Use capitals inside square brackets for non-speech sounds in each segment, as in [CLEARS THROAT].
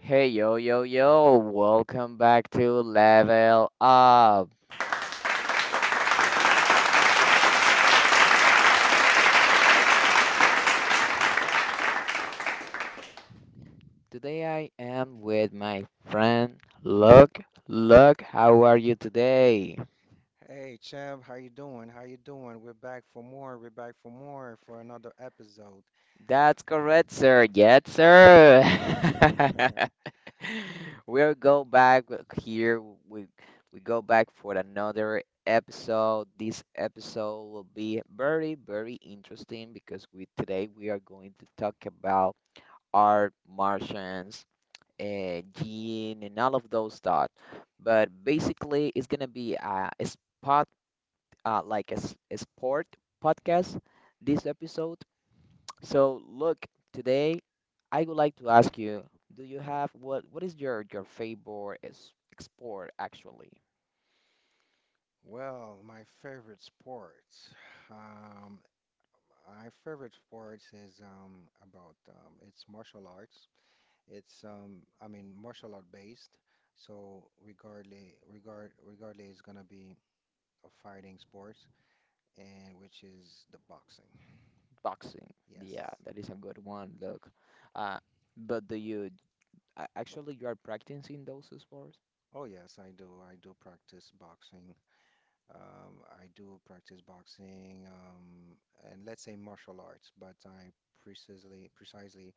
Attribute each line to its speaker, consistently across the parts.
Speaker 1: Hey yo, welcome back to Level Up. Today I am with my friend Look. Look, how are you today?
Speaker 2: Hey champ, how you doing? How you doing? We're back for more. We're back for more for another episode.
Speaker 1: That's correct, sir. Yes, sir. [LAUGHS] We'll go back here. We we go back for another episode. This episode will be very, very interesting because we today we are going to talk about art martians, gene and all of those stuff. But basically, it's gonna be a spot, like a sport podcast this episode. So look, today I would like to ask you, do you have what is your favorite sport actually?
Speaker 2: Well, my favorite sports. Um, my favorite sports is about it's martial arts. It's I mean martial art based. So regardless it's gonna be a fighting sports and which is the boxing.
Speaker 1: Boxing. Yeah,
Speaker 2: Yes.
Speaker 1: that is a good one. Look, uh, but do you actually you are practicing those sports?
Speaker 2: Oh yes, I do. I do practice boxing. I do practice boxing, and let's say martial arts, but I precisely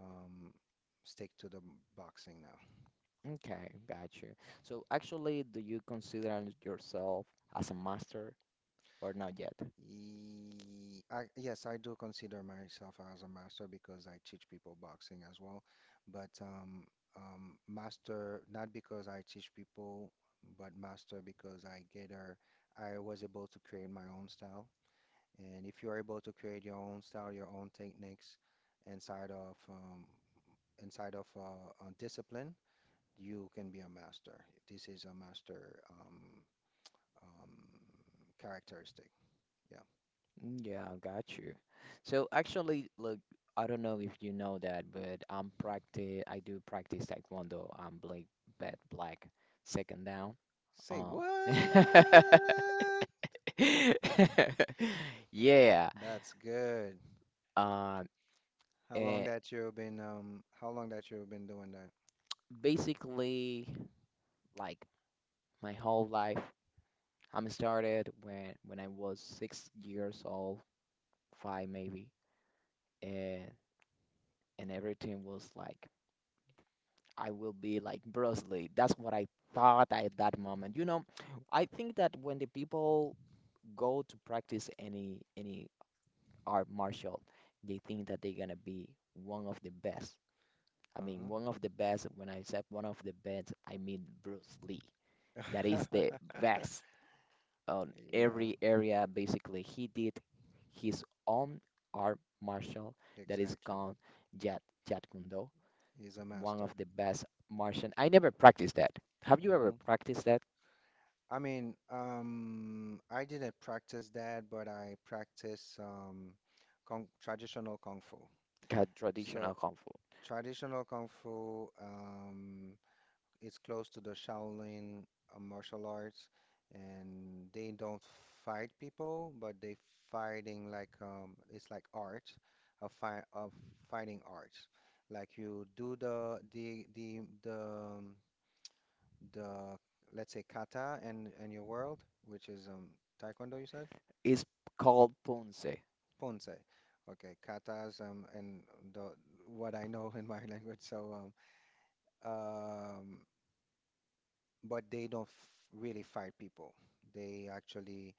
Speaker 2: um, stick to the boxing now.
Speaker 1: Okay, got you. So actually, do you consider yourself as a master or not yet?
Speaker 2: I, yes, I do consider myself as a master because I teach people boxing as well, but master not because I teach people, but master because I get a, I was able to create my own style. And if you're able to create your own style, your own techniques inside of um, inside of a discipline, you can be a master. This is a master um, characteristic. Yeah.
Speaker 1: Mm, yeah, got you. So actually, look, I don't know if you know that, but I do practice Taekwondo. I'm black belt black, second down.
Speaker 2: Say
Speaker 1: Uh,
Speaker 2: what?
Speaker 1: [LAUGHS] yeah.
Speaker 2: That's good.
Speaker 1: Uh,
Speaker 2: How long
Speaker 1: and
Speaker 2: that you've been how long that you've been doing
Speaker 1: basically, like my whole life, I'm started when I was 6 years old. Five maybe, and everything was like I will be like Bruce Lee. That's what I thought at that moment. You know, I think that when the people go to practice any art martial, they think that they're gonna be one of the best. I
Speaker 2: that?
Speaker 1: mean, one of the best. When I said one of the best, I mean Bruce Lee. That
Speaker 2: Uh-huh.
Speaker 1: is the
Speaker 2: [LAUGHS]
Speaker 1: best on
Speaker 2: Yeah,
Speaker 1: every area. Basically, he did his own art martial that is
Speaker 2: exactly.
Speaker 1: called Jet Jet Kune Do.
Speaker 2: He's a
Speaker 1: One
Speaker 2: master.
Speaker 1: of the best Martian. I never practiced that. Have you ever
Speaker 2: Hmm.
Speaker 1: practiced that?
Speaker 2: I mean, I didn't practice that, but I practice kung, traditional kung fu. So
Speaker 1: Traditional kung fu?
Speaker 2: traditional kung fu is close to the Shaolin martial arts, and they don't fight people, but they fighting like it's like art, a fi of fighting art. Like you do um, the let's say kata and your world, which is taekwondo, you said?
Speaker 1: It's called punse.
Speaker 2: Ponce. Okay, katas and the what I know [LAUGHS] in my language. So um but they don't f really fight people. They actually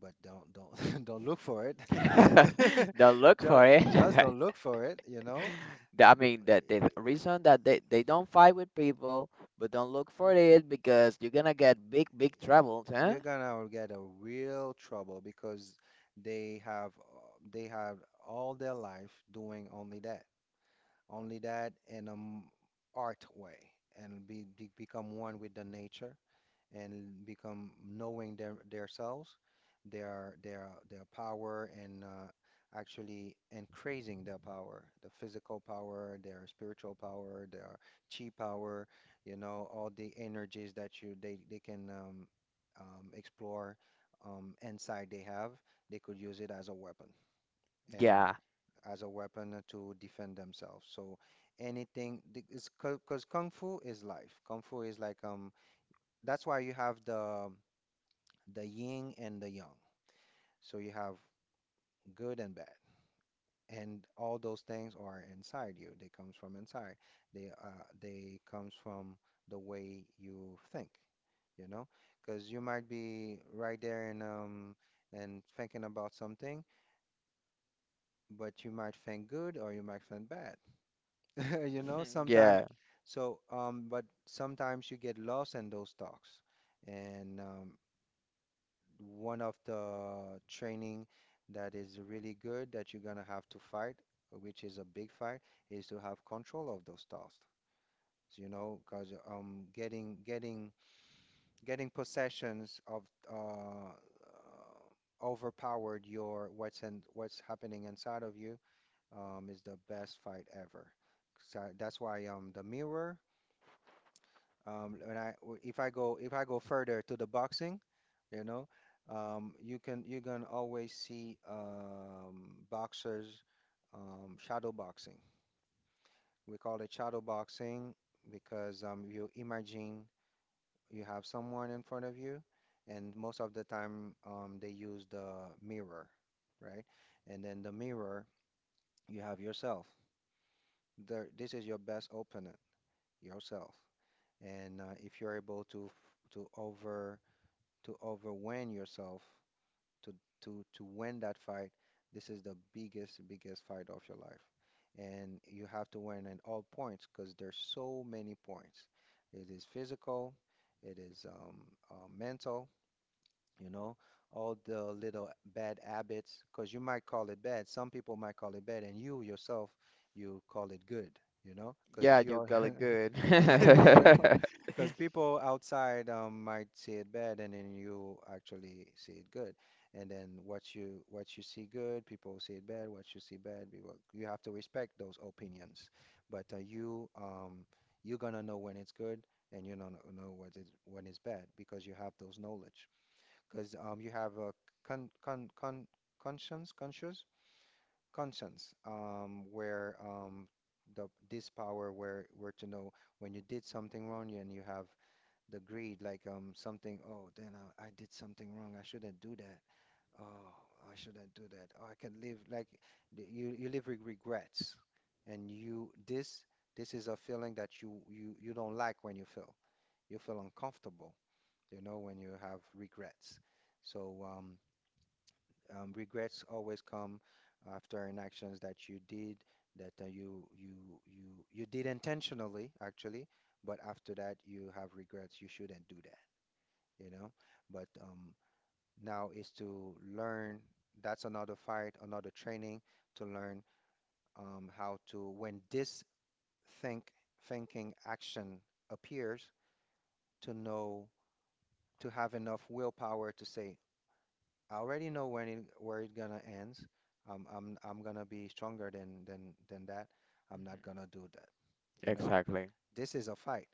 Speaker 2: but don't [LAUGHS] don't look for it.
Speaker 1: [LAUGHS]
Speaker 2: [LAUGHS]
Speaker 1: Don't look
Speaker 2: Just
Speaker 1: for it.
Speaker 2: just
Speaker 1: [LAUGHS]
Speaker 2: don't look for it, you know?
Speaker 1: The reason that they, don't fight with people, but don't look for it because you're gonna get big, big troubles, huh?
Speaker 2: You're gonna get a real trouble because they have all their life doing only that. Only that in an art way and become one with the nature and become knowing their selves, their power and actually increasing their power, the physical power, their spiritual power, their chi power, you know, all the energies that you they can explore inside they have, they could use it as a weapon. And
Speaker 1: Yeah,
Speaker 2: as a weapon to defend themselves. So anything because kung fu is life. Kung fu is like that's why you have the yin and the yang. So you have good and bad. And all those things are inside you. They comes from inside. They comes from the way you think, you know? Because you might be right there and thinking about something, but you might think good or you might think bad. [LAUGHS] You know,
Speaker 1: [LAUGHS]
Speaker 2: sometimes,
Speaker 1: yeah,
Speaker 2: so, but sometimes you get lost in those talks. And one of the training that is really good that you're gonna have to fight, which is a big fight, is to have control of those talks. So, you know, because getting possessions of overpowered your what's in, what's happening inside of you is the best fight ever. So that's why the mirror. When I if I go further to the boxing, you know, you can always see boxers shadow boxing. We call it shadow boxing because you imagine you have someone in front of you, and most of the time they use the mirror, right? And then the mirror, you have yourself. There, this is your best opponent, yourself. And if you're able to to over to overwhelm yourself to to win that fight. This is the biggest fight of your life, and you have to win in all points because there's so many points. It is physical, it is mental. You know, all the little bad habits, because you might call it bad. Some people might call it bad, and you yourself, you call it good. You know, because
Speaker 1: yeah. You
Speaker 2: you're
Speaker 1: got
Speaker 2: [LAUGHS]
Speaker 1: it good. [LAUGHS]
Speaker 2: [LAUGHS] you know,
Speaker 1: Mhm.
Speaker 2: because people outside might see it bad, and then you actually see it good. And then what you see good, people see it bad. What you see bad, people you have to respect those opinions. But you you're gonna know when it's good, and you don't know what is when it's bad because you have those knowledge. Because you have a con con con conscience, conscious conscience, where the this power where to know when you did something wrong and you have the greed, like something, oh, then I did something wrong. I shouldn't do that. Oh, I shouldn't do that. Oh, I can live like you you live with regrets, and you this this is a feeling that you don't like when you feel. You feel uncomfortable, you know, when you have regrets. So regrets always come after an actions that you did that you you you you did intentionally actually, but after that you have regrets. You shouldn't do that, you know. But now is to learn. That's another fight, another training to learn how to when this think thinking action appears to know to have enough willpower to say I already know when it where it gonna ends. I'm gonna be stronger than that. I'm not gonna do that. You know,
Speaker 1: Exactly.
Speaker 2: this is a fight.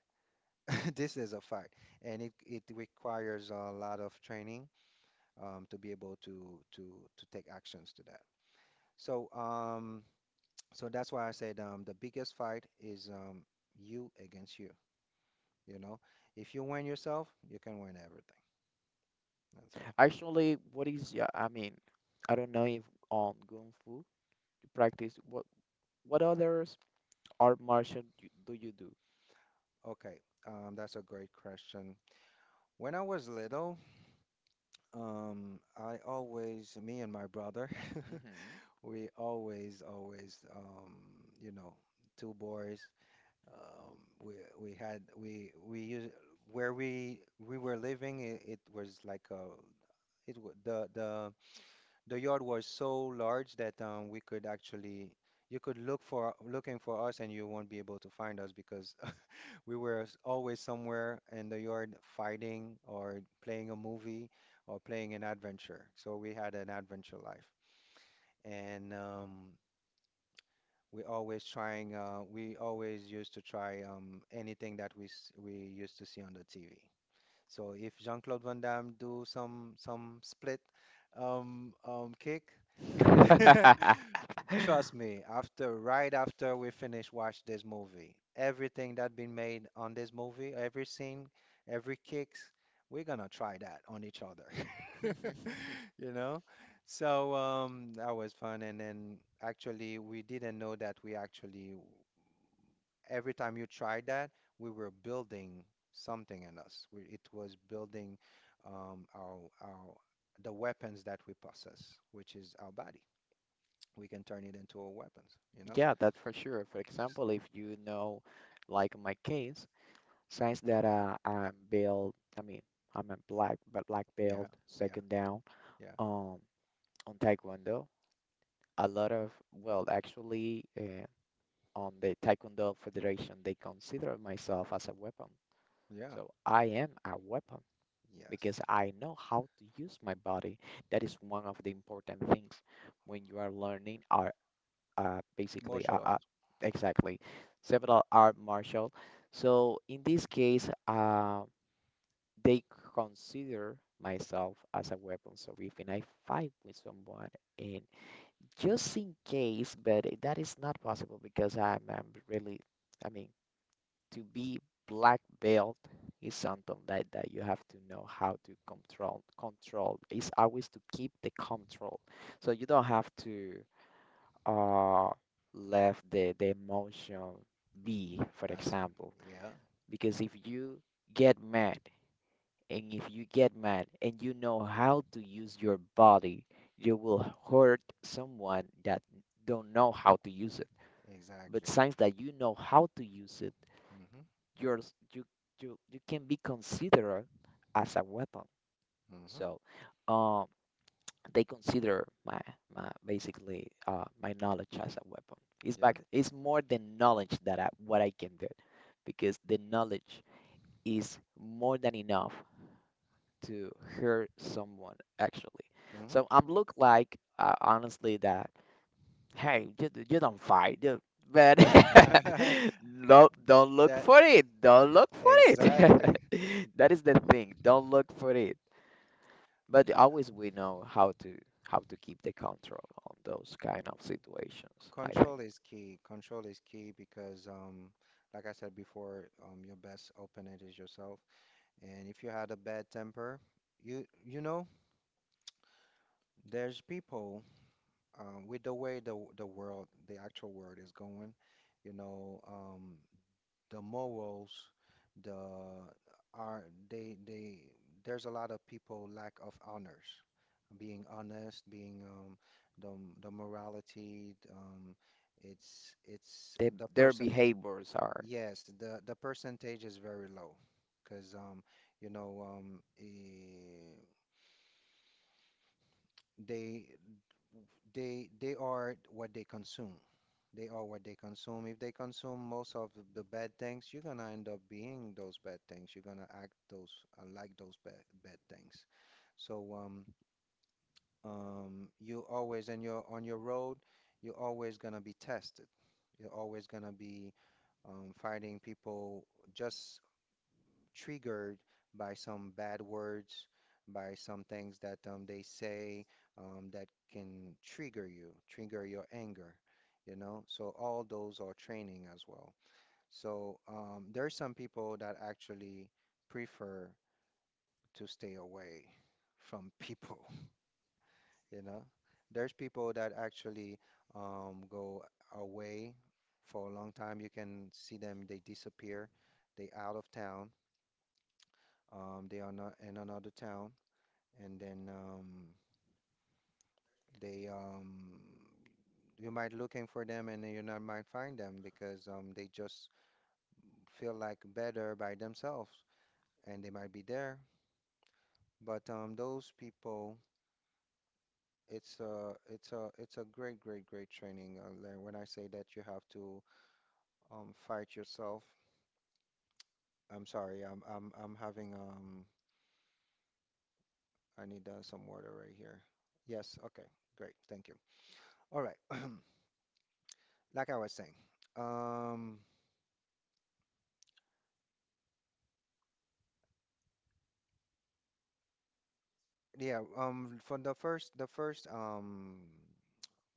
Speaker 2: [LAUGHS] This is a fight, and it requires a lot of training to be able to take actions to that. So so that's why I said the biggest fight is you against you. You know, if you win yourself, you can win everything. That's it.
Speaker 1: Actually, what is yeah? I mean, I don't know if on Kung Fu you practice. What. What others art martial do you do?
Speaker 2: Okay, that's a great question. When I was little. I always, me and my brother, [LAUGHS] we always, always, you know, two boys. Um, we we had we used where we were living. It was like a it the yard was so large that we could actually you could look for looking for us and you won't be able to find us because we were always somewhere in the yard fighting or playing a movie or playing an adventure. So we had an adventure life. And we always trying, we always used to try anything that we, we used to see on the TV. So if Jean-Claude Van Damme do some split kick,
Speaker 1: Mhm.
Speaker 2: [LAUGHS]
Speaker 1: [LAUGHS]
Speaker 2: Trust me, after right after we finish watch this movie, everything that been made on this movie, every scene, every kicks, we're gonna try that on each other. [LAUGHS]
Speaker 1: [LAUGHS]
Speaker 2: You know? So that was fun and then actually we didn't know that we actually every time you tried that, we were building something in us. We, it was building our the weapons that we possess, which is our body we can turn it into a weapons, you know?
Speaker 1: Yeah, that's for sure. For
Speaker 2: So,
Speaker 1: example, if you know, like in my case, since that I'm built, I mean, I'm a black, but black
Speaker 2: yeah,
Speaker 1: belt,
Speaker 2: yeah,
Speaker 1: second down,
Speaker 2: yeah,
Speaker 1: um, on Taekwondo, a lot of, well, actually, on the Taekwondo Federation, they consider myself as a weapon.
Speaker 2: yeah,
Speaker 1: So I am a weapon,
Speaker 2: yes.
Speaker 1: because I know how to use my body. That is one of the important things when you are learning. Are uh, basically,
Speaker 2: Martial
Speaker 1: uh, uh,
Speaker 2: arts.
Speaker 1: exactly, several art martial. So in this case, they consider myself as a weapon. So if and I fight with someone and just in case, but that is not possible because I'm really, I mean, to be black belt is something like that you have to know how to control, it's always to keep the control, so you don't have to uh let the emotion be, for
Speaker 2: That's
Speaker 1: example,
Speaker 2: yeah,
Speaker 1: because if you get mad, and if you get mad and you know how to use your body, you will hurt someone that don't know how to use it, but
Speaker 2: exactly.
Speaker 1: since that you know how to use it, you you can be considered as a weapon.
Speaker 2: Mm-hmm. Mm-hmm.
Speaker 1: So, um, they consider my basically my knowledge as a weapon. It's
Speaker 2: Yeah.
Speaker 1: back. It's more than knowledge that I, what I can do, because the knowledge is more than enough to hurt someone actually. So I'm look like, honestly that, hey, you don't fight, you, but
Speaker 2: Mm-hmm. [LAUGHS]
Speaker 1: [LAUGHS] no, don't look
Speaker 2: That
Speaker 1: for it. Don't look for it.
Speaker 2: exactly.
Speaker 1: [LAUGHS] That is the thing. Don't look for it. But always we know how to keep the control on those kind of situations. I think
Speaker 2: Control is key. Control is key because like I said before, your best opponent is yourself. And if you had a bad temper, you know, there's people with the way the world, the actual world is going, you know, the morals, the are they there's a lot of people lack of honors, being honest, being the the morality, it's
Speaker 1: they,
Speaker 2: the
Speaker 1: their
Speaker 2: percent
Speaker 1: behaviors are
Speaker 2: yes, the percentage is very low. Because you know they they are what they consume. They are what they consume. If they consume most of the bad things, you're gonna end up being those bad things. You're gonna act those like those bad bad things. So you always and you're on your road, you're always gonna be tested. You're always gonna be fighting people just triggered by some bad words, by some things that they say that can trigger you, trigger your anger, you know? So all those are training as well. So there are some people that actually prefer to stay away from people, [LAUGHS] you know? There's people that actually go away for a long time. You can see them, they disappear, they out of town, they are not in another town, and then they you might looking for them and then you not might find them because they just feel like better by themselves and they might be there. But those people, it's a it's a it's a great training. Like when I say that you have to fight yourself. I'm sorry. I'm having I need some water right here. Yes. Okay. Great. Thank you. All right. [CLEARS THROAT] Like I was saying. Um. Yeah. From the first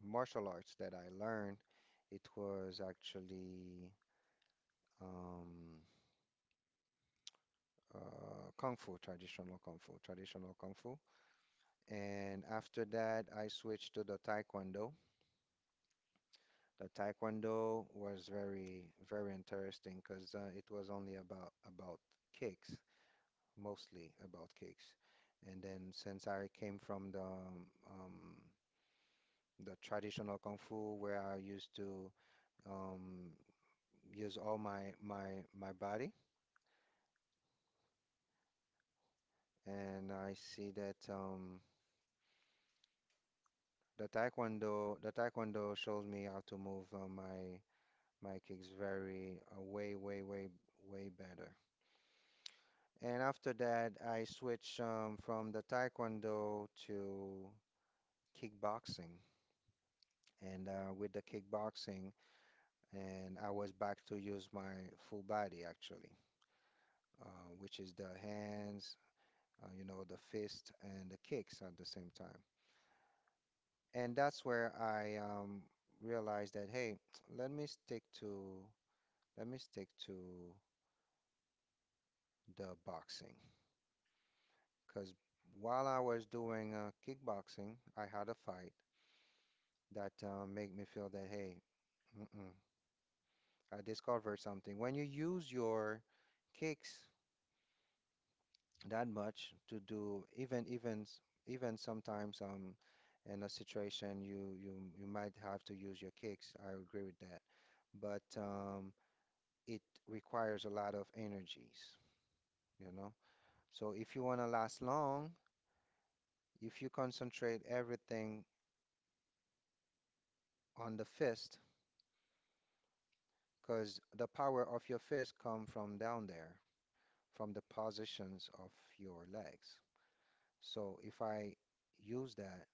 Speaker 2: martial arts that I learned, it was actually um Kung Fu, traditional Kung Fu, traditional Kung Fu. And after that, I switched to the Taekwondo. The Taekwondo was very, very interesting because it was only about kicks, mostly about kicks. And then since I came from um, the traditional kung fu where I used to um, use all my body, and I see that the Taekwondo shows me how to move my Mike is very way, way, way, way better. And after that, I switched from the taekwondo to kickboxing. And with the kickboxing, and I was back to use my full body actually, uh, which is the hands, you know, the fist and the kicks at the same time. And that's where I realized that hey, [TSK] let me stick to let me stick to the boxing. Because while I was doing kickboxing, I had a fight that made me feel that, hey, mm-mm, I discovered something. When you use your kicks that much to do even sometimes in a situation you might have to use your kicks. I agree with that. But it requires a lot of energies, you know. So if you want to last long, if you concentrate everything on the fist because the power of your fist come from down there, from the positions of your legs. So if I use that,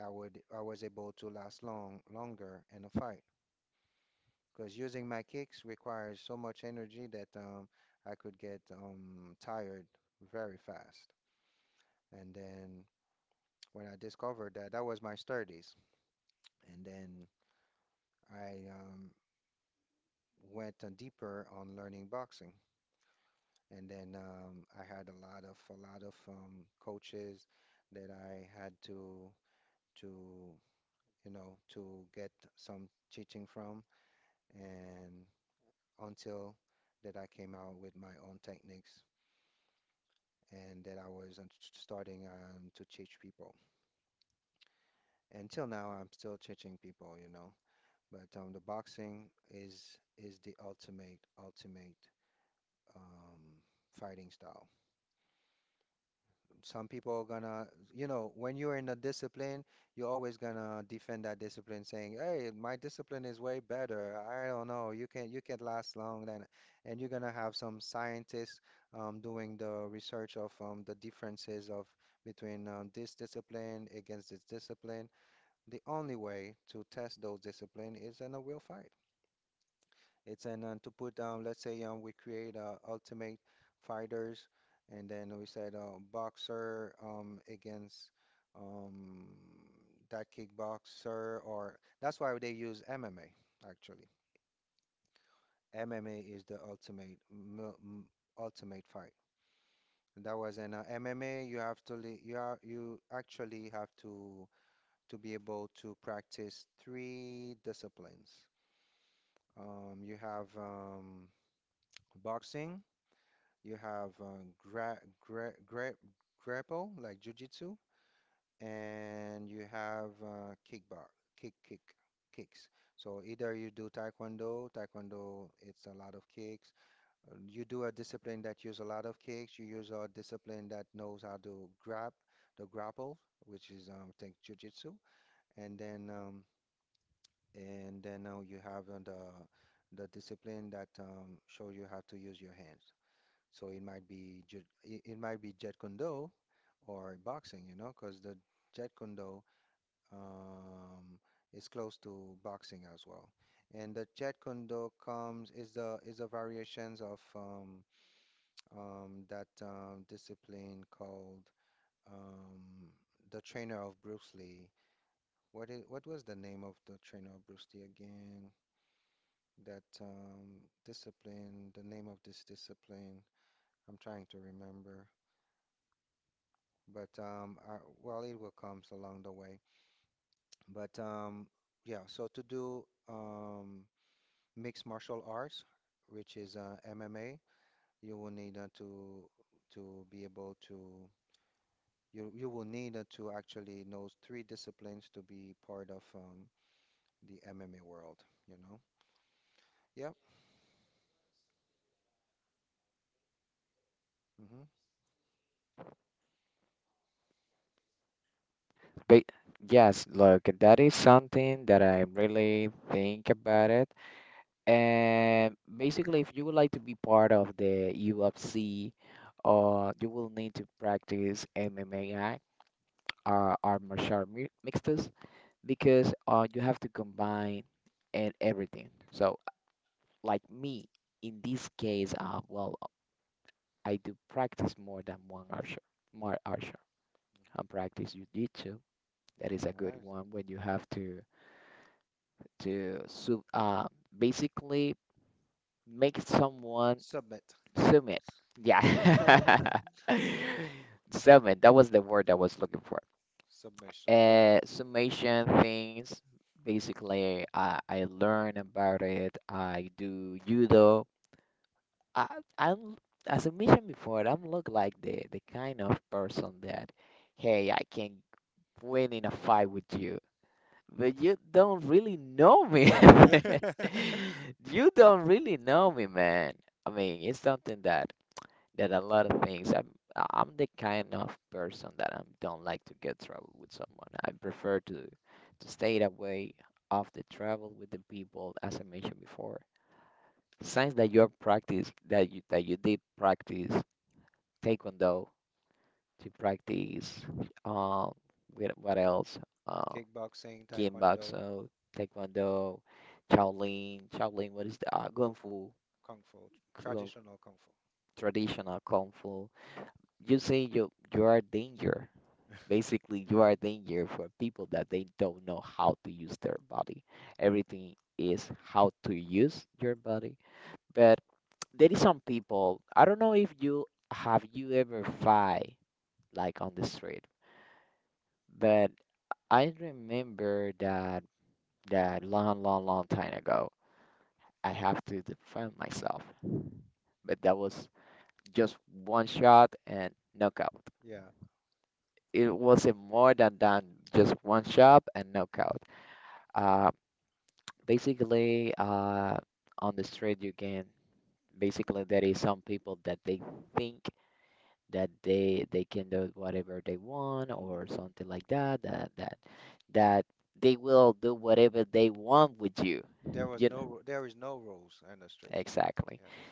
Speaker 2: I was able to last longer in a fight because using my kicks requires so much energy that I could get tired very fast. And then when I discovered that, that was my 30s, and then I went deeper on learning boxing. And then I had a lot of coaches that I had to you know to get some teaching from, and until that I came out with my own techniques and that I was starting to teach people. Until now, I'm still teaching people, you know. But the boxing is the ultimate um, fighting style. Some people are gonna, you know, when you're in a discipline, you're always gonna defend that discipline, saying, "Hey, my discipline is way better. I don't know. You can last long then." And you're gonna have some scientists doing the research of the differences of between this discipline against this discipline. The only way to test those discipline is in a real fight. It's an to put down. Let's say we create ultimate fighters, and then we said boxer against um, that kickboxer, or that's why they use MMA actually. MMA is the ultimate fight. That was an MMA. You have to you are you actually have to be able to practice three disciplines. You have boxing. You have gra gra grapple, like jujitsu, and you have kick, kick, kicks. So either you do taekwondo, it's a lot of kicks. You do a discipline that use a lot of kicks. You use a discipline that knows how to grab the grapple, which is think jujitsu, and then um, and then now you have the discipline that shows you how to use your hands. So it it might be Jeet Kune Do or boxing, you know, because the Jeet Kune Do um, is close to boxing as well. And the Jeet Kune Do comes is the variations of that discipline called um, the trainer of Bruce Lee. What is what was the name of the trainer of Bruce Lee again? That discipline, the name of this discipline. I'm trying to remember. But I, well, it will comes along the way. But yeah, so to do mixed martial arts, which is MMA, you will need to be able to you will need to actually know three disciplines to be part of the MMA world. You know? Yep. Mm-hmm. Nice. Submit. [LAUGHS] Submission. Yep. [LAUGHS] Kickboxing, Taekwondo, Kung Fu, traditional Kung Fu. Yeah. Hmm. There was no, there is no rules in the street. You know.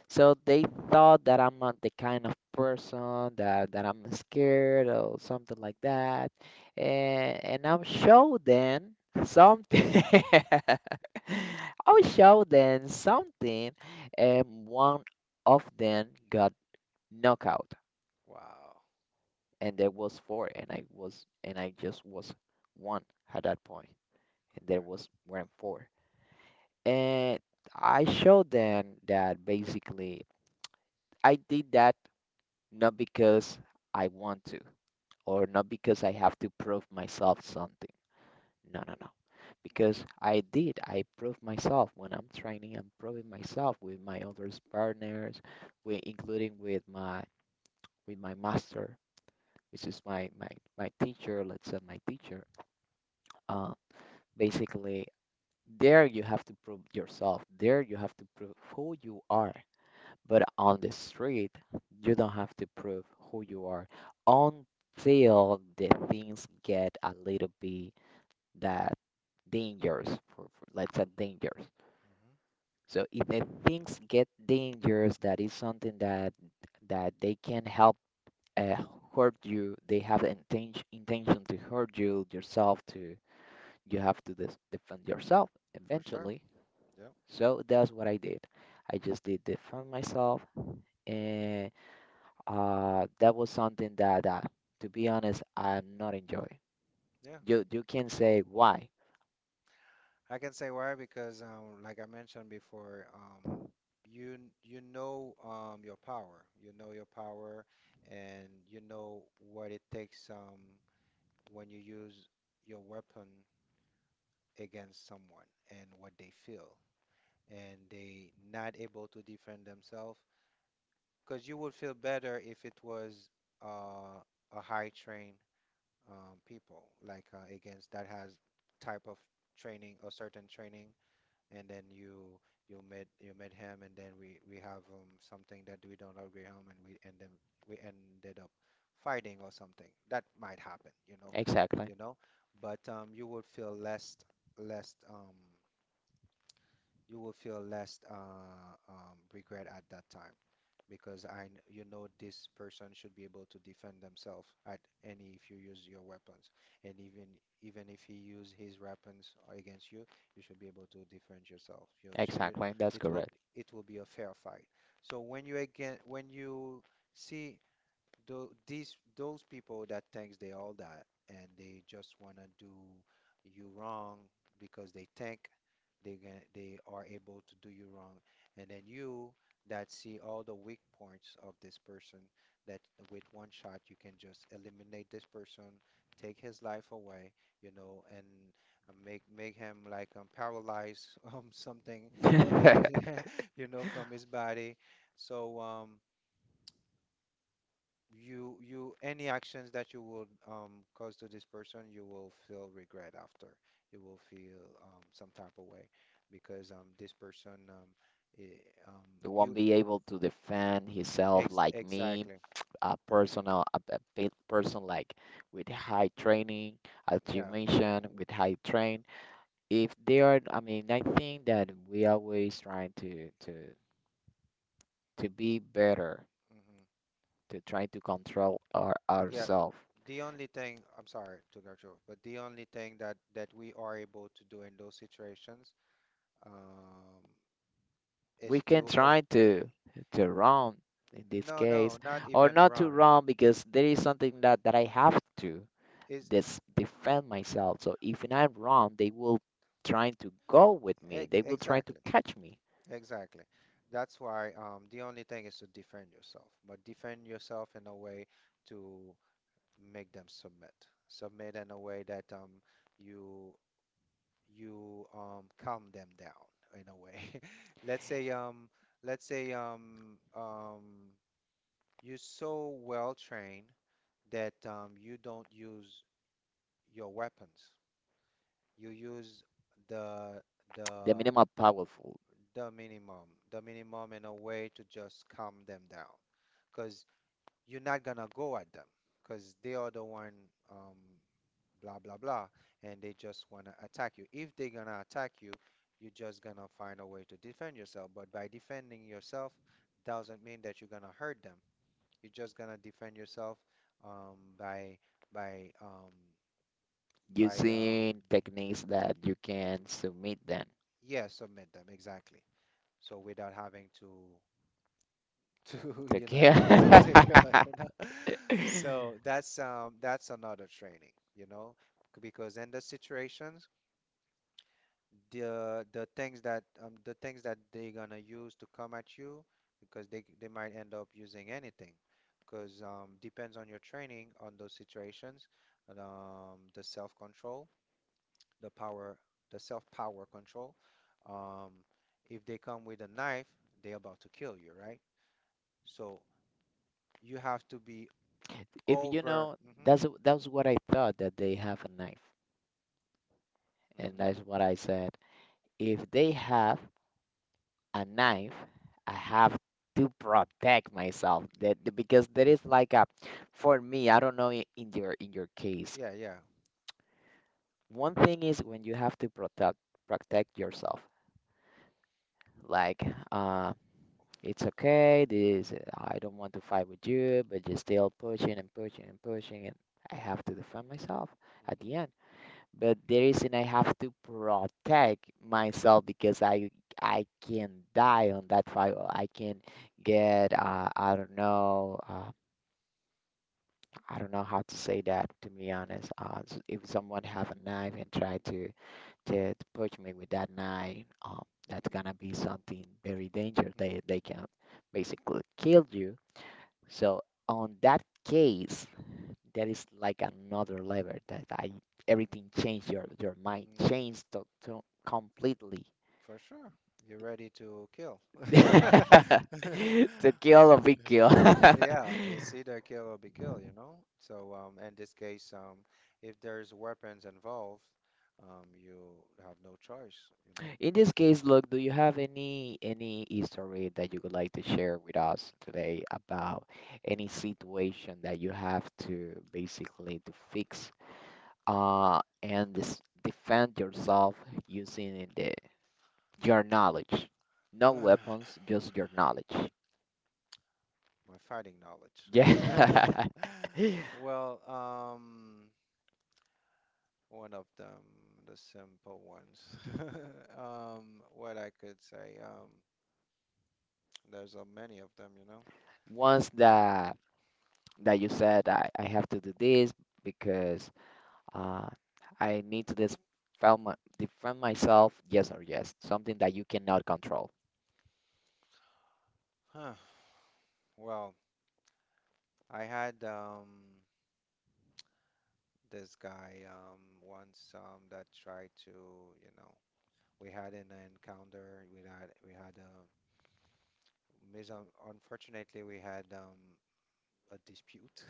Speaker 2: Wow. Okay. Hmm. For sure. Yep. Yeah. I can say why because, like I mentioned before, you you know your power. You know your power, and you know what it takes when you use your weapon against someone and what they feel, and they not able to defend themselves. Because you would feel better if it was uh, a high trained people, like against that has type of training, a certain training, and then you you met him, and then we have something that we don't agree on, and we and then we ended up fighting or something. That might happen, you know, you know. But you would feel less less um, you will feel less regret at that time because you know this person should be able to defend themselves at any if you use your weapons. And even even if he use his weapons against you, you should be able to defend yourself. You know, so you it will it will be a fair fight. So when you again when you see Though these those people that thinks they all that and they just wanna do you wrong because they think they can, they are able to do you wrong, and then you that see all the weak points of this person that with one shot you can just eliminate this person, take his life away, you know, and make him like paralyzed [LAUGHS] something that he [LAUGHS] you know from his body. So you you any actions that you would cause to this person you will feel regret after. You will feel some type of way because this person I you ex exactly. Yeah. Hmm. Yeah. The only thing I'm sorry to cut you off but the only thing that we are able to do in those situations um is to oh, no not even run is ex exactly. Exactly. That's why the only thing is to defend yourself, but defend yourself in a way to make them submit. Submit in a way that you you calm them down in a way. [LAUGHS] Let's say let's say um, um, you're so well trained that you don't use your weapons. You use the the the minimum, the minimum in a way to just calm them down. Because you're not gonna go at them because they are the one um blah blah blah and they just wanna attack you. If they're gonna attack you, you're just gonna find a way to defend yourself. But by defending yourself doesn't mean that you're gonna hurt them. You're just gonna defend yourself um by by um by yeah, submit them exactly. So without having to to [LAUGHS] you know to tequila you know [LAUGHS] so that's another training you know. Because in the situations the things that they're gonna use to come at you because they might end up using anything because depends on your training on those situations and, the self-control the power the self-power control um if they come with a knife they're about to kill you right so you have to be over. Hmm. Hmm. Hmm. Yeah, yeah. Hmm. Hmm. Hmm. For sure. You're ready to kill. [LAUGHS] Yeah, it's either kill or be killed, you know? So, in this case, if there's weapons involved, you have no choice, you know? [SIGHS] My fighting knowledge. [LAUGHS] Well, one of them, the simple ones. [LAUGHS] Um, what I could say, there's a many of them, you know. Huh. Well, I had this guy once that tried to, you know, we had an encounter. We had a mis unfortunately we had a dispute.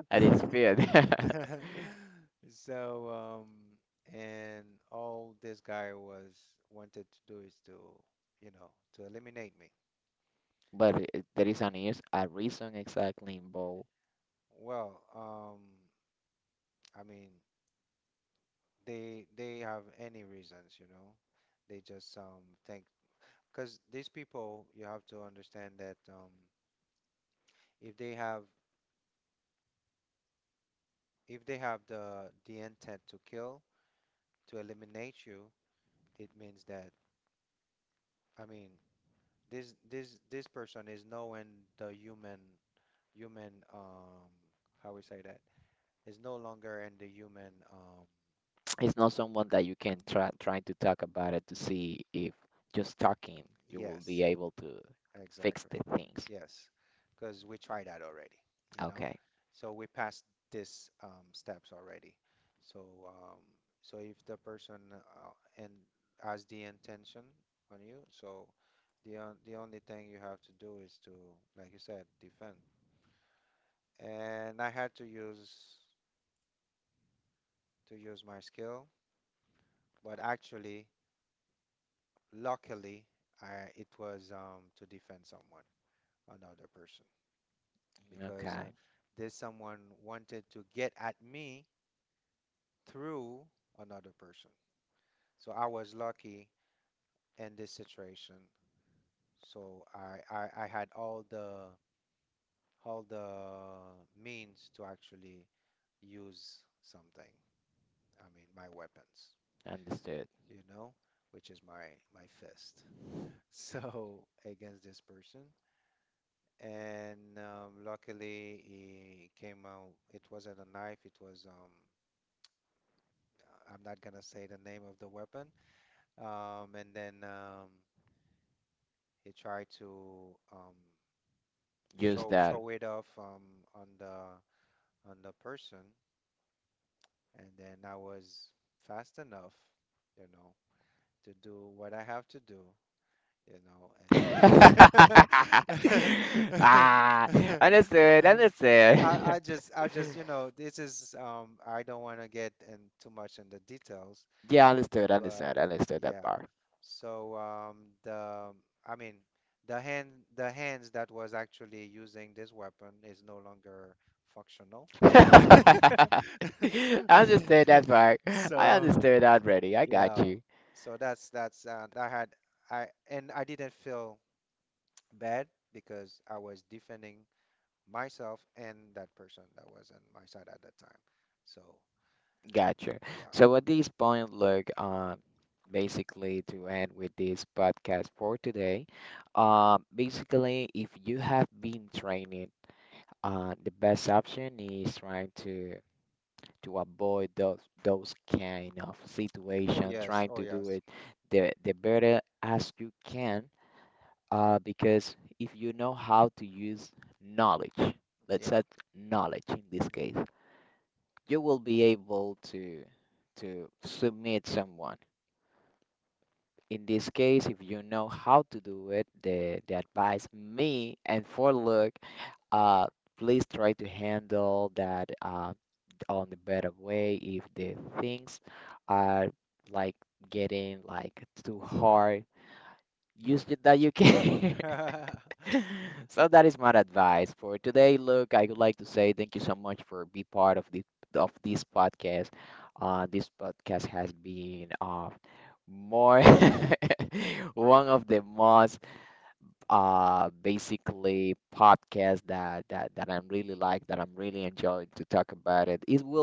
Speaker 2: [LAUGHS] [LAUGHS] So, and all this guy was wanted to do is to, you know, to eliminate me. Well, I mean, they have any reasons, you know. They just think because these people, you have to understand that if they have if they have the intent to kill, to eliminate you, it means that I mean, this person is knowing the human human how we say that is no longer in the human yes exactly yes because we tried that already you know so we passed this steps already so um so if the person and has the intention on you so the the only thing you have to do is to like you said defend and I had to use my skill but actually luckily, I, it was to defend someone, another person, because this someone wanted to get at me through another person. So I was lucky in this situation. So I had all the means to actually use something. I mean, my weapons, you know, which is my fist. [LAUGHS] So against this person. And luckily it came out. It wasn't a knife. It was I'm not gonna say the name of the weapon. And then he tried to show it off on the person, and then I was fast enough, you know, to do what I have to do. You know, and then [LAUGHS] I just you know this is I don't want to get in too much in the details, but yeah. So the I mean the hand the hands that was actually using this weapon is no longer functional. [LAUGHS] So yeah. So that's I had I didn't feel bad because I was defending myself and that person that was on my side at that time. So, yeah. Oh, yes. Oh, yes. Yeah. Mhm. [LAUGHS]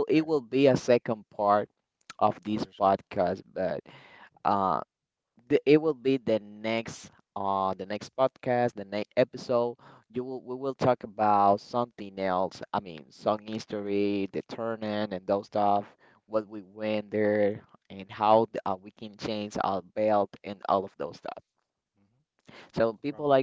Speaker 2: Okay. Pretty sure. Mhm. Bravo.